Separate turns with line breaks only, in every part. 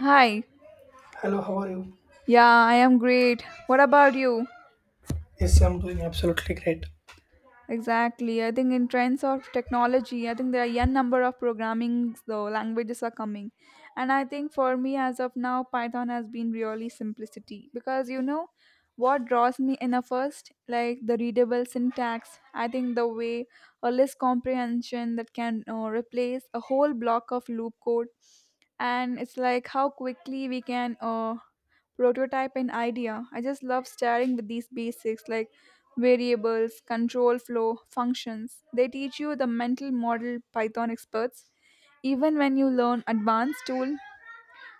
Hi.
Hello, how are you?
Yeah, I am great. What about you?
Yes, I'm doing absolutely great.
Exactly. I think in trends of technology, I think there are n number of programming so languages are coming. And I think for me as of now, Python has been really simplicity because you know what draws me in a first like the readable syntax. I think the way a list comprehension that can replace a whole block of loop code, and it's like how quickly we can prototype an idea. I just love starting with these basics like variables, control flow, functions. They teach you the mental model Python experts. Even when you learn advanced tool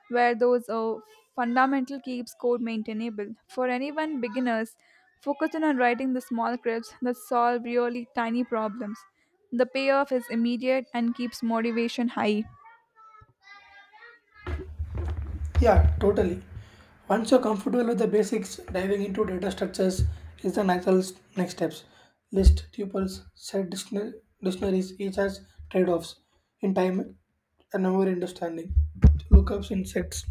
where those fundamental keeps code maintainable. For anyone beginners, focusing on writing the small scripts that solve really tiny problems. The payoff is immediate and keeps motivation high.
Yeah, totally. Once you're comfortable with the basics, diving into data structures is the natural next steps. List tuples, set dictionaries, each has trade offs in time and our understanding. Lookups in sets,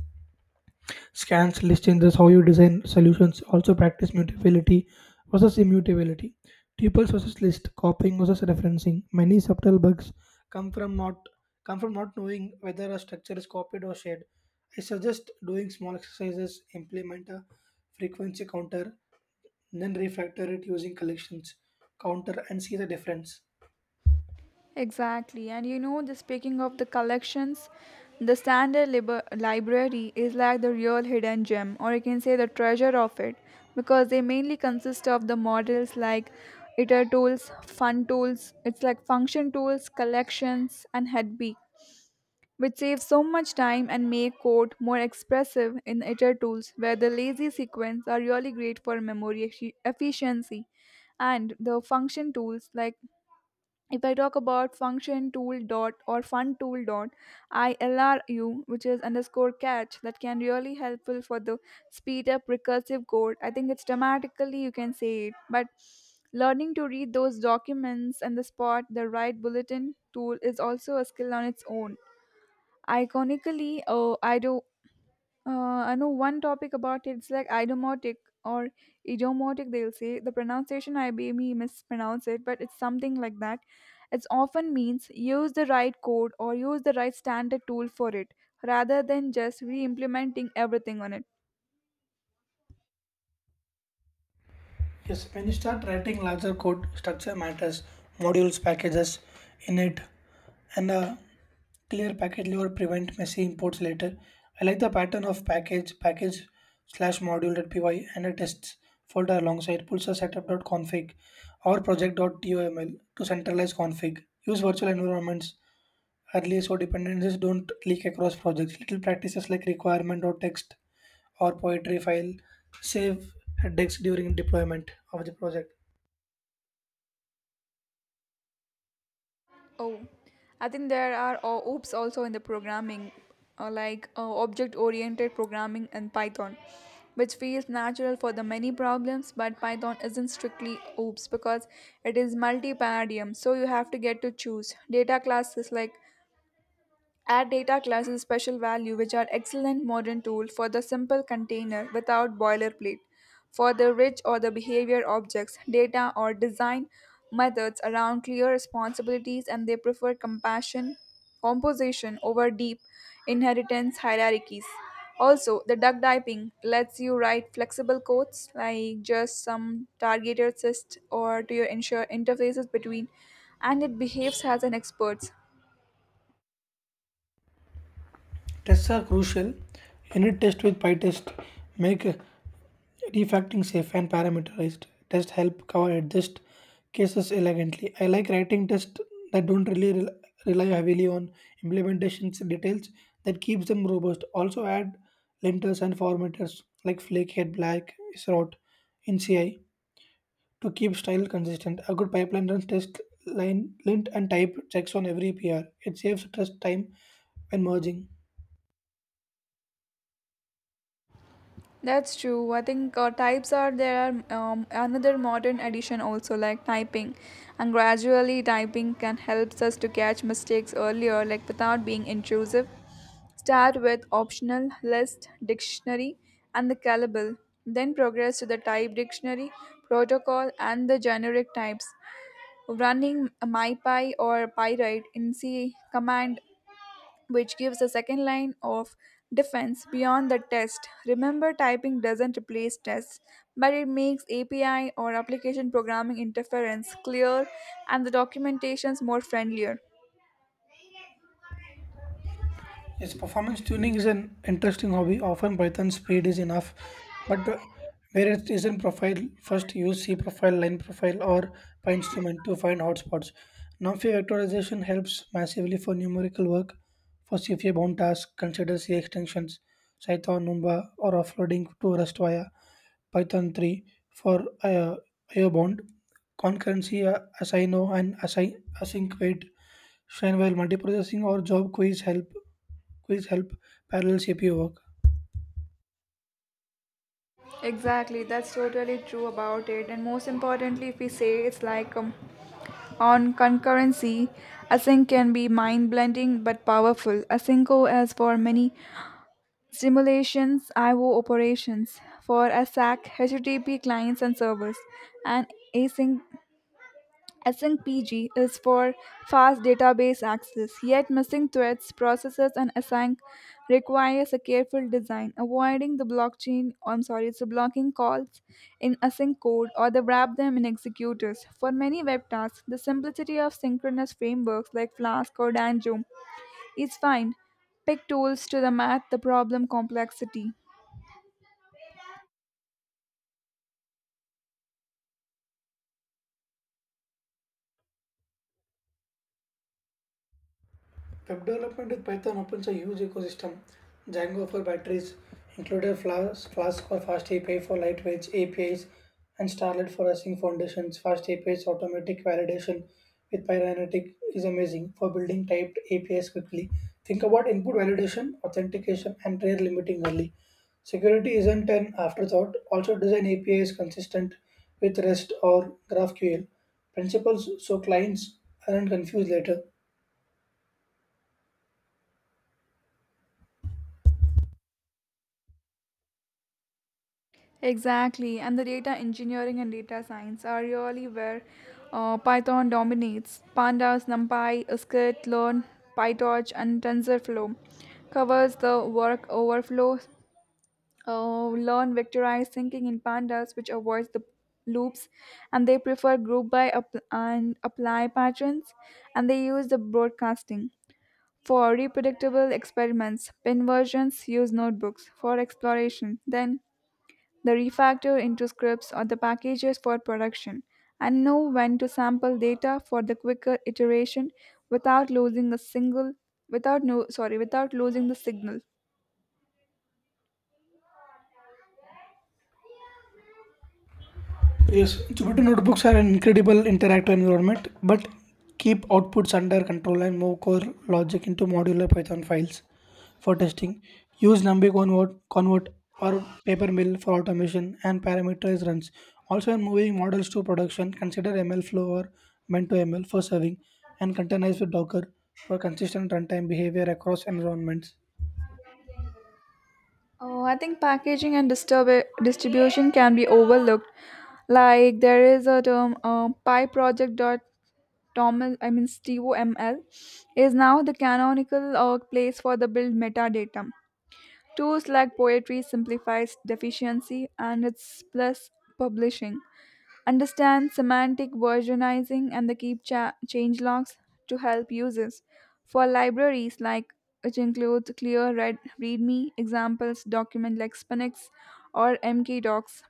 scans, list changes, how you design solutions also practice mutability versus immutability. Tuples versus list, copying versus referencing. Many subtle bugs come from not come from not knowing whether a structure is copied or shared. I suggest doing small exercises, implement a frequency counter, then refactor it using collections counter and see the difference.
Exactly, and you know, the speaking of the collections, the standard library is like the real hidden gem, or you can say the treasure of it, because they mainly consist of the models like iter tools, fun tools, it's like function tools, collections, and headbee, which saves so much time and make code more expressive in iter tools, where the lazy sequence are really great for memory efficiency and the function tools like if I talk about function tool dot or fun tool dot ILRU, which is underscore catch, that can really helpful for the speed up recursive code. I think it's dramatically you can say it, but learning to read those documents and the spot the right bulletin tool is also a skill on its own. Iconically, I do I know one topic about it. It's like idiomatic or idiomatic. They'll say the pronunciation. I maybe mispronounce it, but it's something like that. It often means use the right code or use the right standard tool for it, rather than just re-implementing everything on it.
Yes, when you start writing larger code, structure matters, modules, packages, init, and a clear package level prevent messy imports later. I like the pattern of package slash module.py and a tests folder alongside pulsar setup.config or project.toml to centralize config. Use virtual environments early so dependencies don't leak across projects. Little practices like requirement or text or poetry file save headaches during deployment of the project.
Oh, I think there are OOPs also in the programming, like object oriented programming in Python, which feels natural for the many problems, but Python isn't strictly OOPs because it is multi paradigm, so you have to get to choose. Data classes like Add data classes special value which are excellent modern tool for the simple container without boilerplate. For the rich or the behavior objects, data or design methods around clear responsibilities and they prefer compassion composition over deep inheritance hierarchies. Also, the duck typing lets you write flexible codes like just some targeted assist or to your ensure interfaces between and it behaves as an expert.
Tests are crucial. Unit test with PyTest make refactoring safe and parameterized. Tests help cover adjust cases elegantly. I like writing tests that don't rely heavily on implementation details that keeps them robust. Also add linters and formatters like Flakehead Black is wrote in CI to keep style consistent. A good pipeline runs test line, lint, and type checks on every PR. It saves trust time when merging.
That's true. I think types are there are another modern addition also like typing, and gradually typing can helps us to catch mistakes earlier, like without being intrusive. Start with optional list dictionary and the callable, then progress to the type dictionary, protocol, and the generic types running mypy or pyrite in c command which gives a second line of defense beyond the test. Remember, typing doesn't replace tests, but it makes API or application programming interference clear and the documentations more friendlier.
Yes, performance tuning is an interesting hobby. Often Python speed is enough, but where it is in profile, first use C profile, line profile, or PyInstrument to find hotspots. NumPy vectorization helps massively for numerical work. For CFA bound tasks, consider C extensions, Cython, Numba, or offloading to Rust via Python 3 for IO bound. Concurrency, async wait. Shine while multiprocessing or job queries help Quiz help parallel shape your work.
Exactly, that's totally true about it. And most importantly, if we say it's like on concurrency, async can be mind blending but powerful. Asynco, as for many simulations, IO operations for ASAC, HTTP clients and servers, and async, async PG is for fast database access. Yet, missing threads, processes, and async requires a careful design, avoiding the blockchain. I'm sorry, it's the blocking calls in async code or the wrap them in executors. For many web tasks, the simplicity of synchronous frameworks like Flask or Danjo is fine. Pick tools to the math the problem complexity.
Web development with Python opens a huge ecosystem. Django for batteries, included Flask for fast API for lightweight APIs, and Starlet for async foundations. Fast APIs automatic validation with Pyronetic is amazing for building typed APIs quickly. Think about input validation, authentication, and rare limiting only. Security isn't an afterthought. Also, design APIs consistent with REST or GraphQL principles so clients aren't confused later.
Exactly, and the data engineering and data science are really where Python dominates. Pandas, NumPy, Scikit, Learn, PyTorch, and TensorFlow covers the work overflow. Learn vectorized thinking in pandas, which avoids the loops, and they prefer group by and apply patterns, and they use the broadcasting. For reproducible experiments, pinversions use notebooks for exploration. Then the refactor into scripts or the packages for production and know when to sample data for the quicker iteration without losing a single without no sorry without losing the signal.
Yes, Jupyter notebooks are an incredible interactive environment, but keep outputs under control and move core logic into modular Python files for testing. Use NumPy convert or Papermill for automation and parameterize runs. Also, when moving models to production, consider MLflow or Mento ML for serving and containerize with Docker for consistent runtime behavior across environments.
Oh, I think packaging and distribution can be overlooked. Like there is a term PyProject. Dot Toml, I mean STOML, is now the canonical place for the build metadata. Tools like poetry simplifies deficiency and it's plus publishing. Understand semantic versionizing and the keep changelogs to help users. For libraries like which includes clear readme examples document like Spinix or MKDocs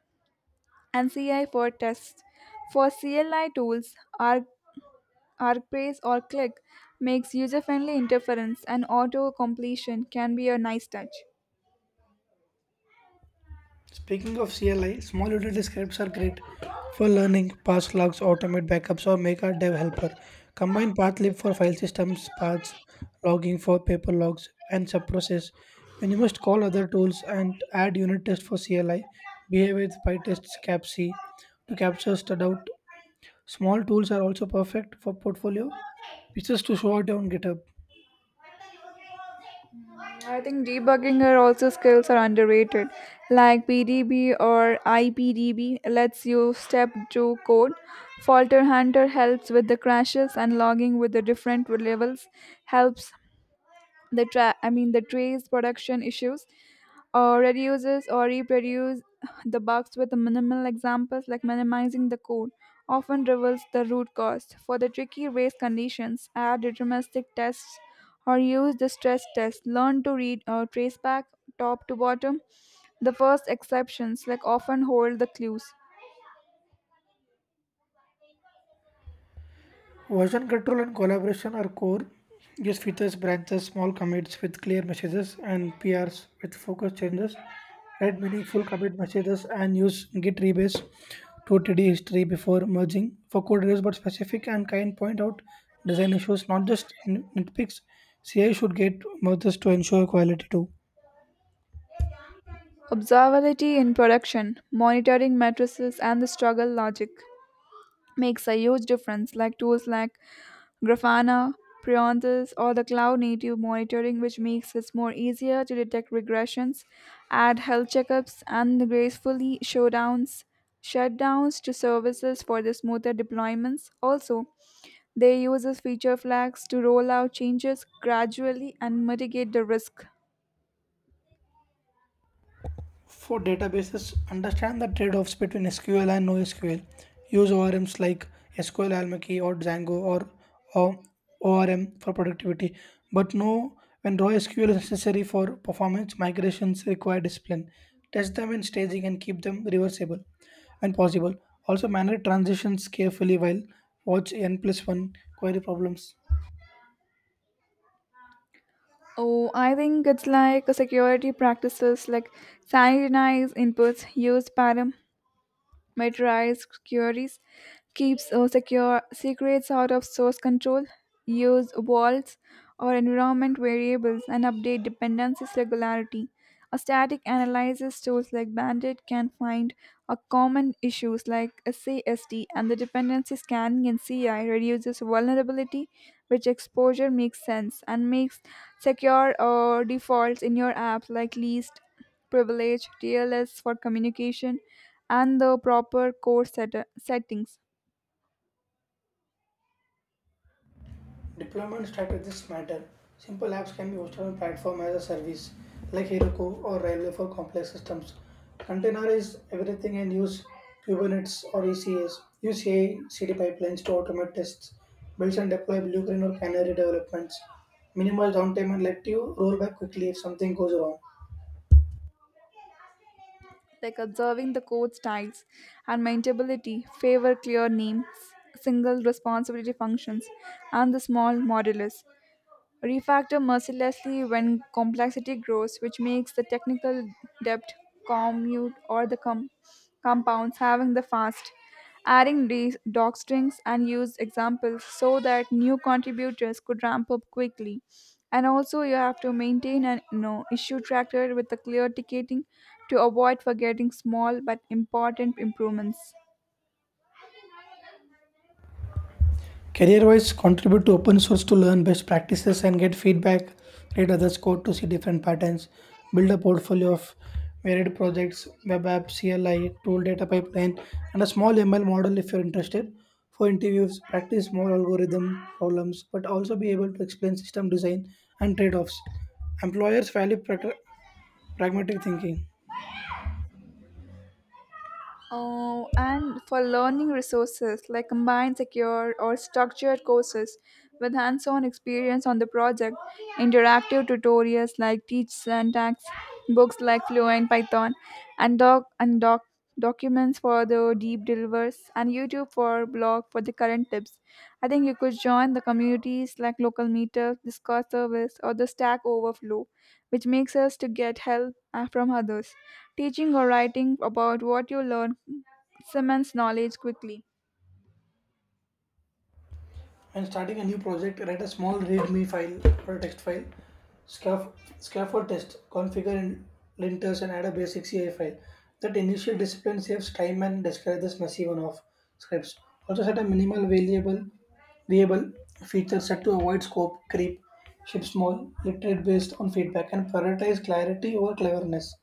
and CI for tests. For CLI tools, Arc, ArcBrace or Click makes user-friendly interference and auto completion can be a nice touch.
Speaking of CLI, small utility scripts are great for learning, pass logs, automate backups, or make a dev helper. Combine pathlib for file systems, paths, logging for paper logs, and subprocess. When you must call other tools and add unit test for CLI, behave with PyTest CAPC to capture stud out. Small tools are also perfect for portfolio pieces to show out on GitHub.
I think debugging are also skills are underrated, like PDB or IPDB lets you step through code. Falter Hunter helps with the crashes and logging with the different levels helps the the trace production issues or reduces or reproduce the bugs with minimal examples like minimizing the code often reveals the root cause for the tricky race conditions add deterministic tests or use the stress test learn to read or trace back top to bottom the first exceptions like often hold the clues
Version control and collaboration are core. Use features, branches, small commits with clear messages and PRs with focus changes. Write meaningful commit messages and use git rebase to TD history before merging. For code reviews but specific and kind point out design issues, not just nitpicks. CI should get merges to ensure quality too.
observability in production monitoring matrices and the struggle logic makes a huge difference like tools like Grafana, Prionthus, or the cloud native monitoring, which makes it more easier to detect regressions, add health checkups, and gracefully shutdowns to services for the smoother deployments. Also, they use as feature flags to roll out changes gradually and mitigate the risk.
For databases, understand the trade offs between SQL and NoSQL. Use ORMs like SQL Almacy or Django or ORM for productivity, but know when raw SQL is necessary for performance, migrations require discipline. Test them in staging and keep them reversible when possible. Also, manage transitions carefully while watch N plus 1 query problems.
Oh, I think it's like a security practices like sanitize inputs, use param Metrized queries keeps secure secrets out of source control, use vaults or environment variables, and update dependencies regularly. A static analysis tools like Bandit can find a common issues like SASD and the dependency scanning in CI reduces vulnerability, which exposure makes sense and makes secure or defaults in your apps like least privilege, TLS for communication, and the proper settings
Deployment strategies matter. Simple apps can be hosted on platform as a service like Heroku or Railway for complex systems. Containerize everything and use Kubernetes or ECS. Use CI CD pipelines to automate tests, build and deploy Blue Green or Canary developments. Minimize downtime and let you roll back quickly if something goes wrong.
like observing the code styles and maintainability favor clear names, single responsibility functions, and the small modulus. Refactor mercilessly when complexity grows, which makes the technical debt commute or the com- compounds having the fast, adding doctrines and used examples so that new contributors could ramp up quickly. And also, you have to maintain an no issue tracker with a clear ticketing to avoid forgetting small but important improvements.
Career-wise, contribute to open source to learn best practices and get feedback. Read others' code to see different patterns. Build a portfolio of varied projects, web app, CLI, tool data pipeline, and a small ML model if you're interested. For interviews, practice more algorithm problems, but also be able to explain system design and trade-offs. Employers value pragmatic thinking.
Oh, and for learning resources like combined secure or structured courses with hands on experience on the project, interactive tutorials like Teach Syntax, books like Fluent Python, and, documents for the deep delivers, and YouTube for blog for the current tips. I think you could join the communities like local meetup, Discord service, or the Stack Overflow which makes us to get help from others. Teaching or writing about what you learn cements knowledge quickly.
When starting a new project, write a small README file or a text file. Scaff- scaffold test, configure in linters, and add a basic CI file. That initial discipline saves time and discourages messy one-off scripts. Also set a minimal variable feature set to avoid scope creep. Ship small, literate based on feedback, and prioritize clarity over cleverness.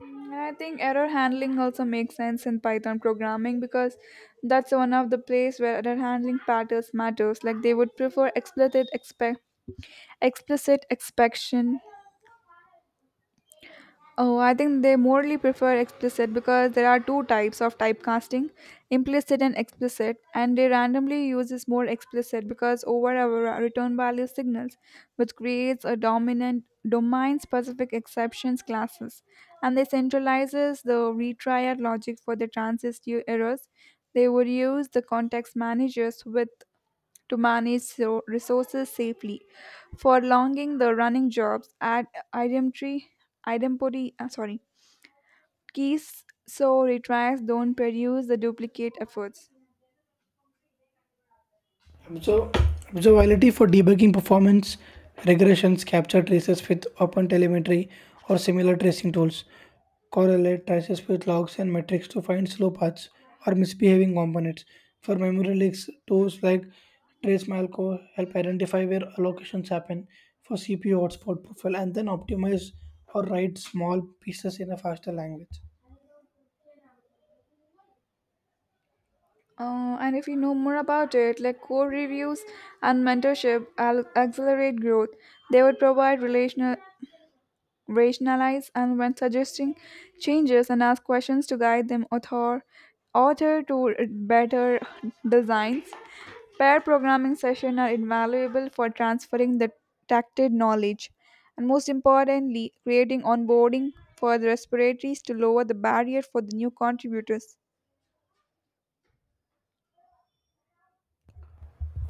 And I think error handling also makes sense in Python programming because that's one of the place where error handling patterns matters. Like they would prefer explicit expectation. Oh, I think they morally prefer explicit because there are two types of typecasting implicit and explicit, and they randomly uses more explicit because over our return value signals, which creates a dominant domain specific exceptions classes, and they centralizes the retrier logic for the transist errors. They would use the context managers with to resources safely. Prolonging the running jobs at idempty, idempty keys so retrials don't produce the duplicate efforts.
Observ- Observability for debugging performance regressions, capture traces with OpenTelemetry or similar tracing tools, correlate traces with logs and metrics to find slow paths or misbehaving components. For memory leaks, tools like TraceMalco help identify where allocations happen for CPU hotspot profile and then optimize or write small pieces in a faster language.
And if you know more about it, like core reviews and mentorship, accelerate growth. They would provide relational rationalize and when suggesting changes and ask questions to guide them author to better designs pair programming sessions are invaluable for transferring the tacted knowledge and most importantly creating onboarding for the respiratories to lower the barrier for the new contributors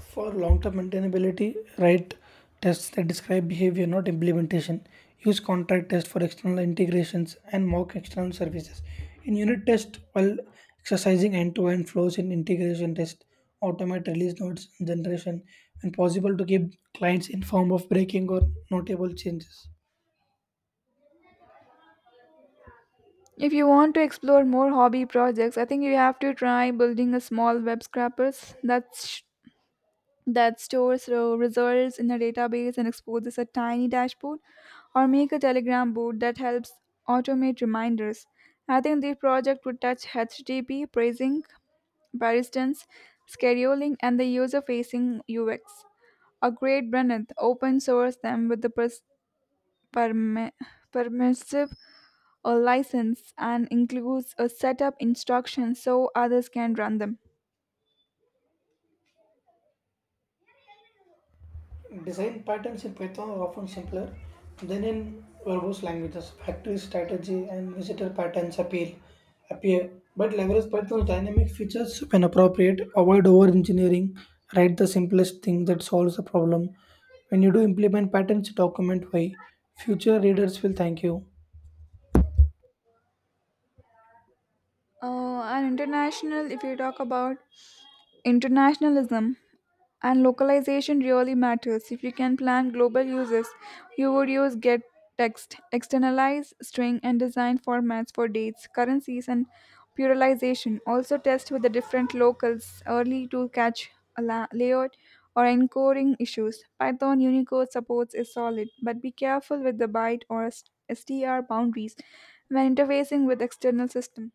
For long-term maintainability, write tests that describe behavior, not implementation. Use contract tests for external integrations and mock external services. In unit test, while exercising end-to-end flows in integration test, automate release notes generation when possible to keep clients informed of breaking or notable changes.
if you want to explore more hobby projects I think you have to try building a small web scrapers that stores results in a database and exposes a tiny dashboard, or make a Telegram board that helps automate reminders. I think the project would touch HTTP, pricing, paristance, scheduling, and the user facing UX. A great Brenneth open source them with the permi- permissive a license and includes a setup instruction so others can run them.
Design patterns in Python are often simpler than in verbose languages. Factory strategy and visitor patterns appeal appear, but leverage Python's dynamic features when appropriate. Avoid over engineering. Write the simplest thing that solves a problem. When you do implement patterns, document why. Future readers will thank you.
And international, if you talk about Internationalism and localization really matters. If you can plan global uses, you would use get text, externalize string and design formats for dates, currencies and pluralization. Also test with the different locals early to catch a layout or encoding issues. Python Unicode supports is solid, but be careful with the byte or STR boundaries when interfacing with external system.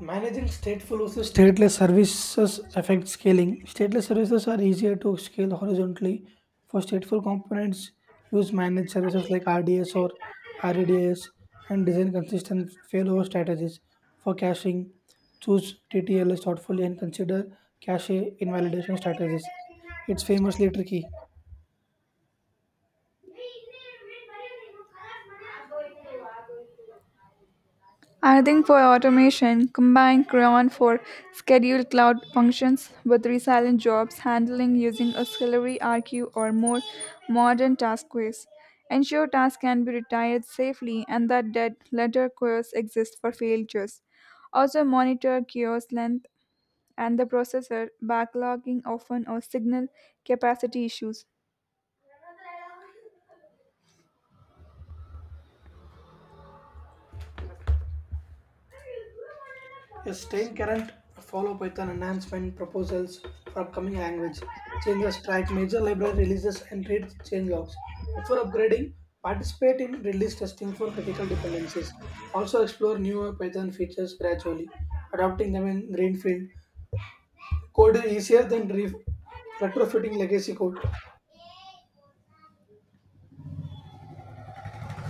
Managing stateful versus stateless services affects scaling. Stateless services are easier to scale horizontally. For stateful components, use managed services like RDS and design consistent failover strategies. For caching, choose TTLS thoughtfully and consider cache invalidation strategies. It's famously tricky.
Another for automation, combine Crayon for scheduled cloud functions with resilient jobs handling using auxiliary RQ or more modern task queues. Ensure tasks can be retired safely and that dead letter queues exist for failures. Also monitor queues length and the processor backlogging often or signal capacity issues.
Is staying current, follow Python enhancement proposals for upcoming language, changes, track major library releases, and read change logs. Before upgrading, participate in release testing for critical dependencies. Also explore newer Python features gradually, adopting them in greenfield. Code is easier than retrofitting legacy code.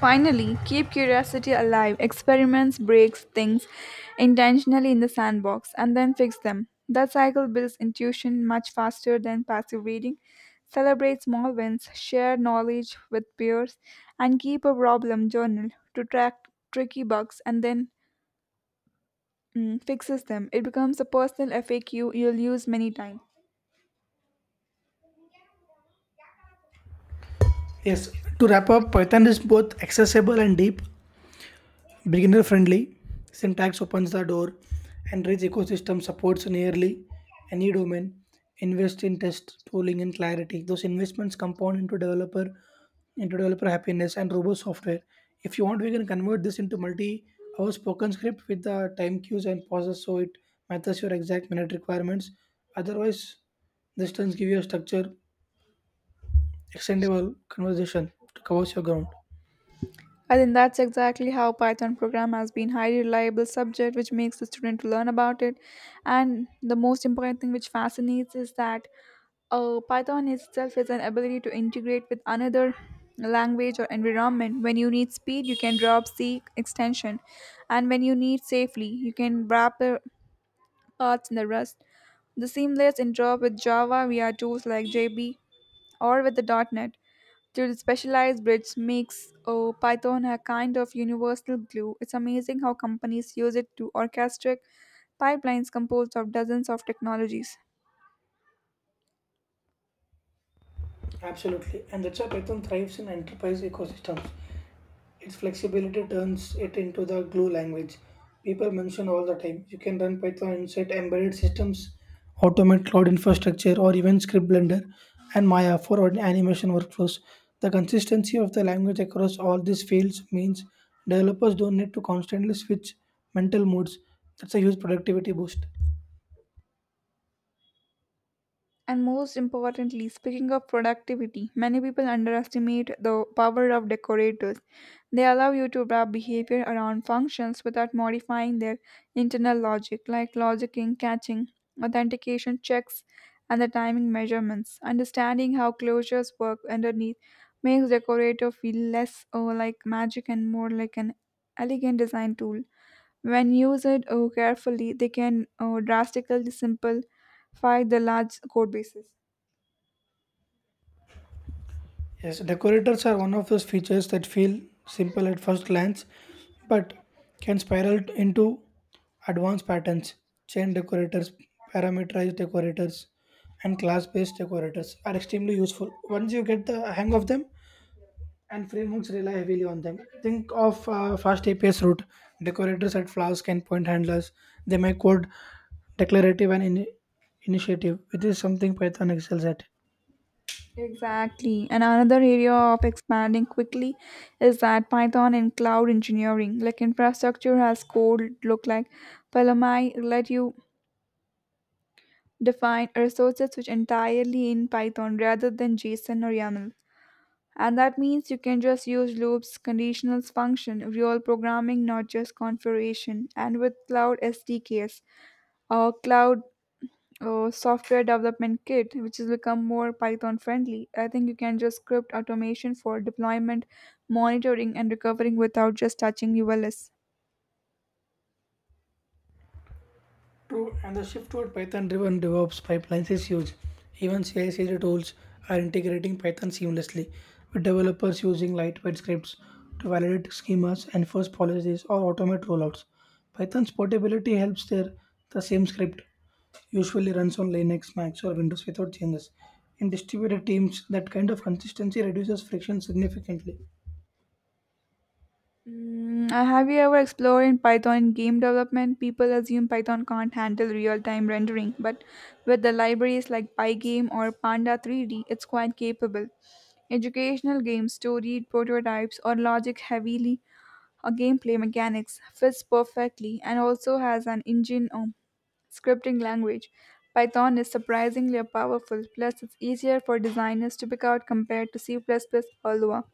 Finally, keep curiosity alive. Experiments breaks things intentionally in the sandbox and then fix them. That cycle builds intuition much faster than passive reading. Celebrate small wins, share knowledge with peers, and keep a problem journal to track tricky bugs and then fixes them. It becomes a personal FAQ you'll use many times.
Yes, to wrap up, Python is both accessible and deep. Beginner friendly, syntax opens the door, and rich ecosystem supports nearly any domain. Invest in test tooling and clarity. Those investments compound into developer happiness and robust software. If you want, we can convert this into multi-hour spoken script with the time cues and pauses so it matches your exact minute requirements. Otherwise, this turns give you a structure, extendable conversation to cover your ground.
I think that's exactly how Python program has been highly reliable subject which makes the student to learn about it. And the most important thing which fascinates is that Python itself is an ability to integrate with another language or environment. When you need speed, you can drop C extension, and when you need safely, you can wrap the parts in the Rust. The seamless interop with Java via tools like JB or with the .NET to specialized bridge makes Python a kind of universal glue. It's amazing how companies use it to orchestrate pipelines composed of dozens of technologies.
Absolutely, and that's why Python thrives in enterprise ecosystems. Its flexibility turns it into the glue language people mention all the time. You can run Python inside embedded systems, automate cloud infrastructure, or even script Blender and Maya for our animation workflows. The consistency of the language across all these fields means developers don't need to constantly switch mental modes. That's a huge productivity boost.
And most importantly, speaking of productivity, many people underestimate the power of decorators. They allow you to wrap behavior around functions without modifying their internal logic, like logicking, catching, authentication checks, and the timing measurements. Understanding how closures work underneath makes decorator feel less like magic and more like an elegant design tool when used carefully, they can drastically simple fight the large code bases.
Yes, decorators are one of those features that feel simple at first glance but can spiral into advanced patterns. Chain decorators, parameterized decorators, and class based decorators are extremely useful. Once you get the hang of them, and frameworks rely heavily on them. Think of fast APIs route. Decorators at Flask and point handlers, they make code declarative and initiative, which is something Python excels at.
Exactly. And another area of expanding quickly is that Python and cloud engineering, like infrastructure has code look like Palomai let you define resources which entirely in Python rather than JSON or YAML. And that means you can just use loops, conditionals, function, real programming, not just configuration. And with cloud SDKs or software development kit, which has become more Python friendly. I think you can just script automation for deployment, monitoring, and recovering without just touching ULS.
True, and the shift toward Python-driven DevOps pipelines is huge. Even CI/CD tools are integrating Python seamlessly, with developers using lightweight scripts to validate schemas, enforce policies, or automate rollouts. Python's portability helps there. The same script usually runs on Linux, Macs, or Windows without changes. In distributed teams, that kind of consistency reduces friction significantly.
Have you ever explored in Python in game development? People assume Python can't handle real-time rendering, but with the libraries like Pygame or Panda 3D, it's quite capable. Educational games, storied prototypes, or logic heavily gameplay mechanics fits perfectly and also has an engine scripting language. Python is surprisingly powerful, plus, it's easier for designers to pick out compared to C plus plus or Lua.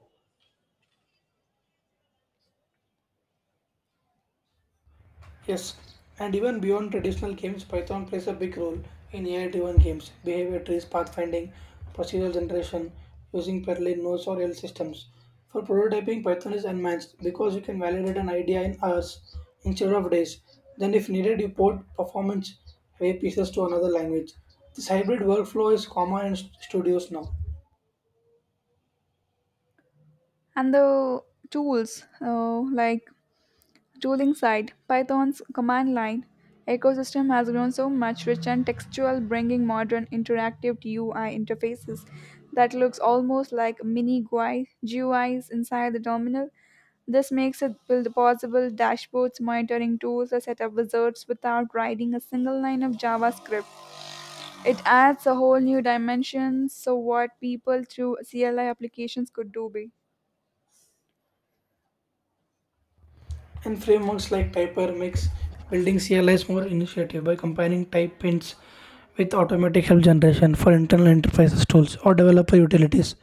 Yes, and even beyond traditional games, Python plays a big role in AI driven games, behavior trees, pathfinding, procedural generation, using parallel nodes or L systems. For prototyping, Python is unmatched because you can validate an idea in hours instead of days. Then, if needed, you port performance heavy pieces to another language. This hybrid workflow is common in studios now.
And the tools like tooling side, Python's command line ecosystem has grown so much rich and textual, bringing modern interactive UI interfaces that looks almost like GUIs inside the terminal. This makes it build possible dashboards, monitoring tools, or setup wizards without writing a single line of JavaScript. It adds a whole new dimension, so what people through CLI applications could do be.
And frameworks like Typer makes building CLIs more initiative by combining type hints with automatic help generation for internal enterprises tools or developer utilities.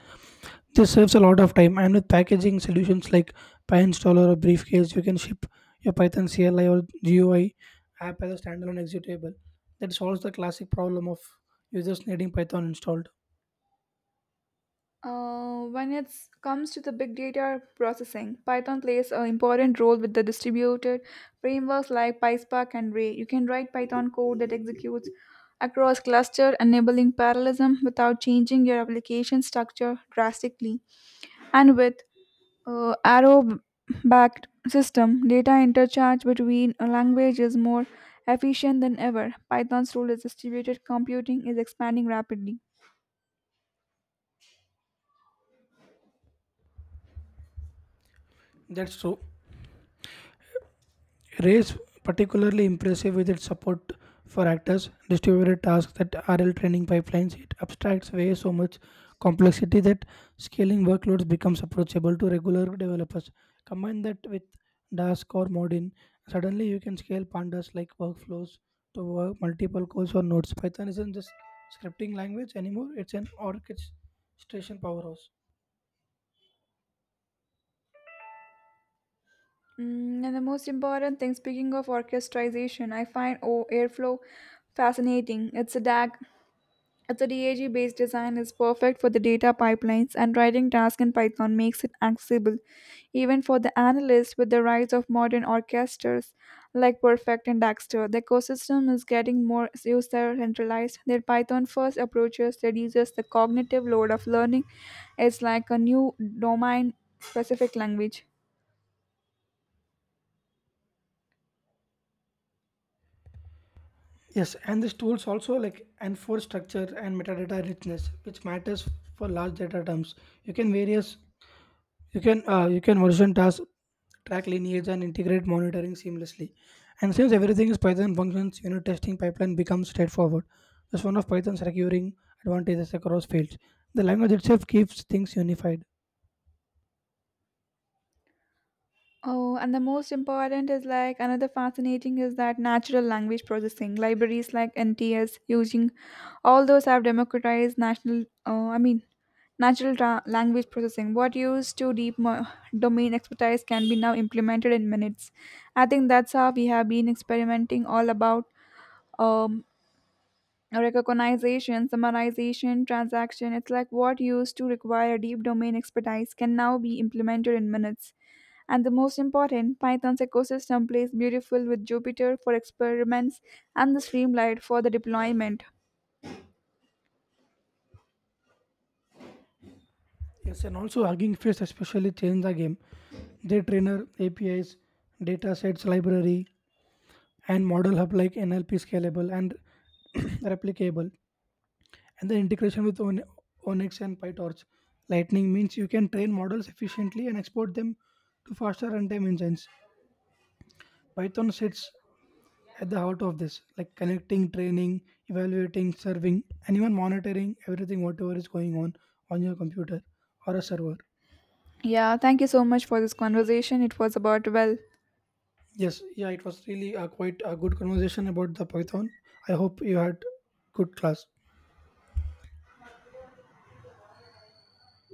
This saves a lot of time and with packaging solutions like PyInstaller or Briefcase, you can ship your Python CLI or GUI app as a standalone executable that solves the classic problem of users needing Python installed.
When it comes to the big data processing, Python plays an important role with the distributed frameworks like PySpark and Ray. You can write Python code that executes across cluster, enabling parallelism without changing your application structure drastically. And with Arrow-backed system, data interchange between a language is more efficient than ever. Python's role as distributed computing is expanding rapidly.
That's true. Race particularly impressive with its support for actors, distributed tasks that RL training pipelines. It abstracts away so much complexity that scaling workloads becomes approachable to regular developers. Combine that with Dask or Modin, suddenly you can scale pandas like workflows to work multiple cores or nodes. Python isn't just scripting language anymore; it's an orchestration powerhouse.
And the most important thing, speaking of orchestration, I find Airflow fascinating. It's a DAG based design, is perfect for the data pipelines, and writing tasks in Python makes it accessible, even for the analysts with the rise of modern orchestras like Perfect and Daxter. The ecosystem is getting more user centralized. Their Python first approaches reduces the cognitive load of learning. It's like a new domain specific language.
Yes, and these tools also like enforce structure and metadata richness, which matters for large data terms. You can various you can version tasks, track lineage, and integrate monitoring seamlessly. And since everything is Python functions, unit testing pipeline becomes straightforward. That's one of Python's recurring advantages across fields. The language itself keeps things unified.
Oh, and the most important is like another fascinating is that natural language processing. Libraries like NTS, using all those have democratized language processing. What used to domain expertise can be now implemented in minutes. I think that's how we have been experimenting all about. Um, Recognition, summarization, transaction, it's like what used to require deep domain expertise can now be implemented in minutes. And the most important, Python's ecosystem plays beautiful with Jupyter for experiments and the Streamlight for the deployment.
Yes, and also Hugging Face especially changed the game. Their trainer, APIs, data sets, library, and model hub like NLP scalable and replicable, and the integration with Onyx and PyTorch. Lightning means you can train models efficiently and export them to faster runtime engines. Python sits at the heart of this, like connecting, training, evaluating, serving, and even monitoring everything whatever is going on your computer or a server.
Yeah, thank you so much for this conversation. It was about well.
Yes, yeah, it was really a quite a good conversation about the Python. I hope you had good class.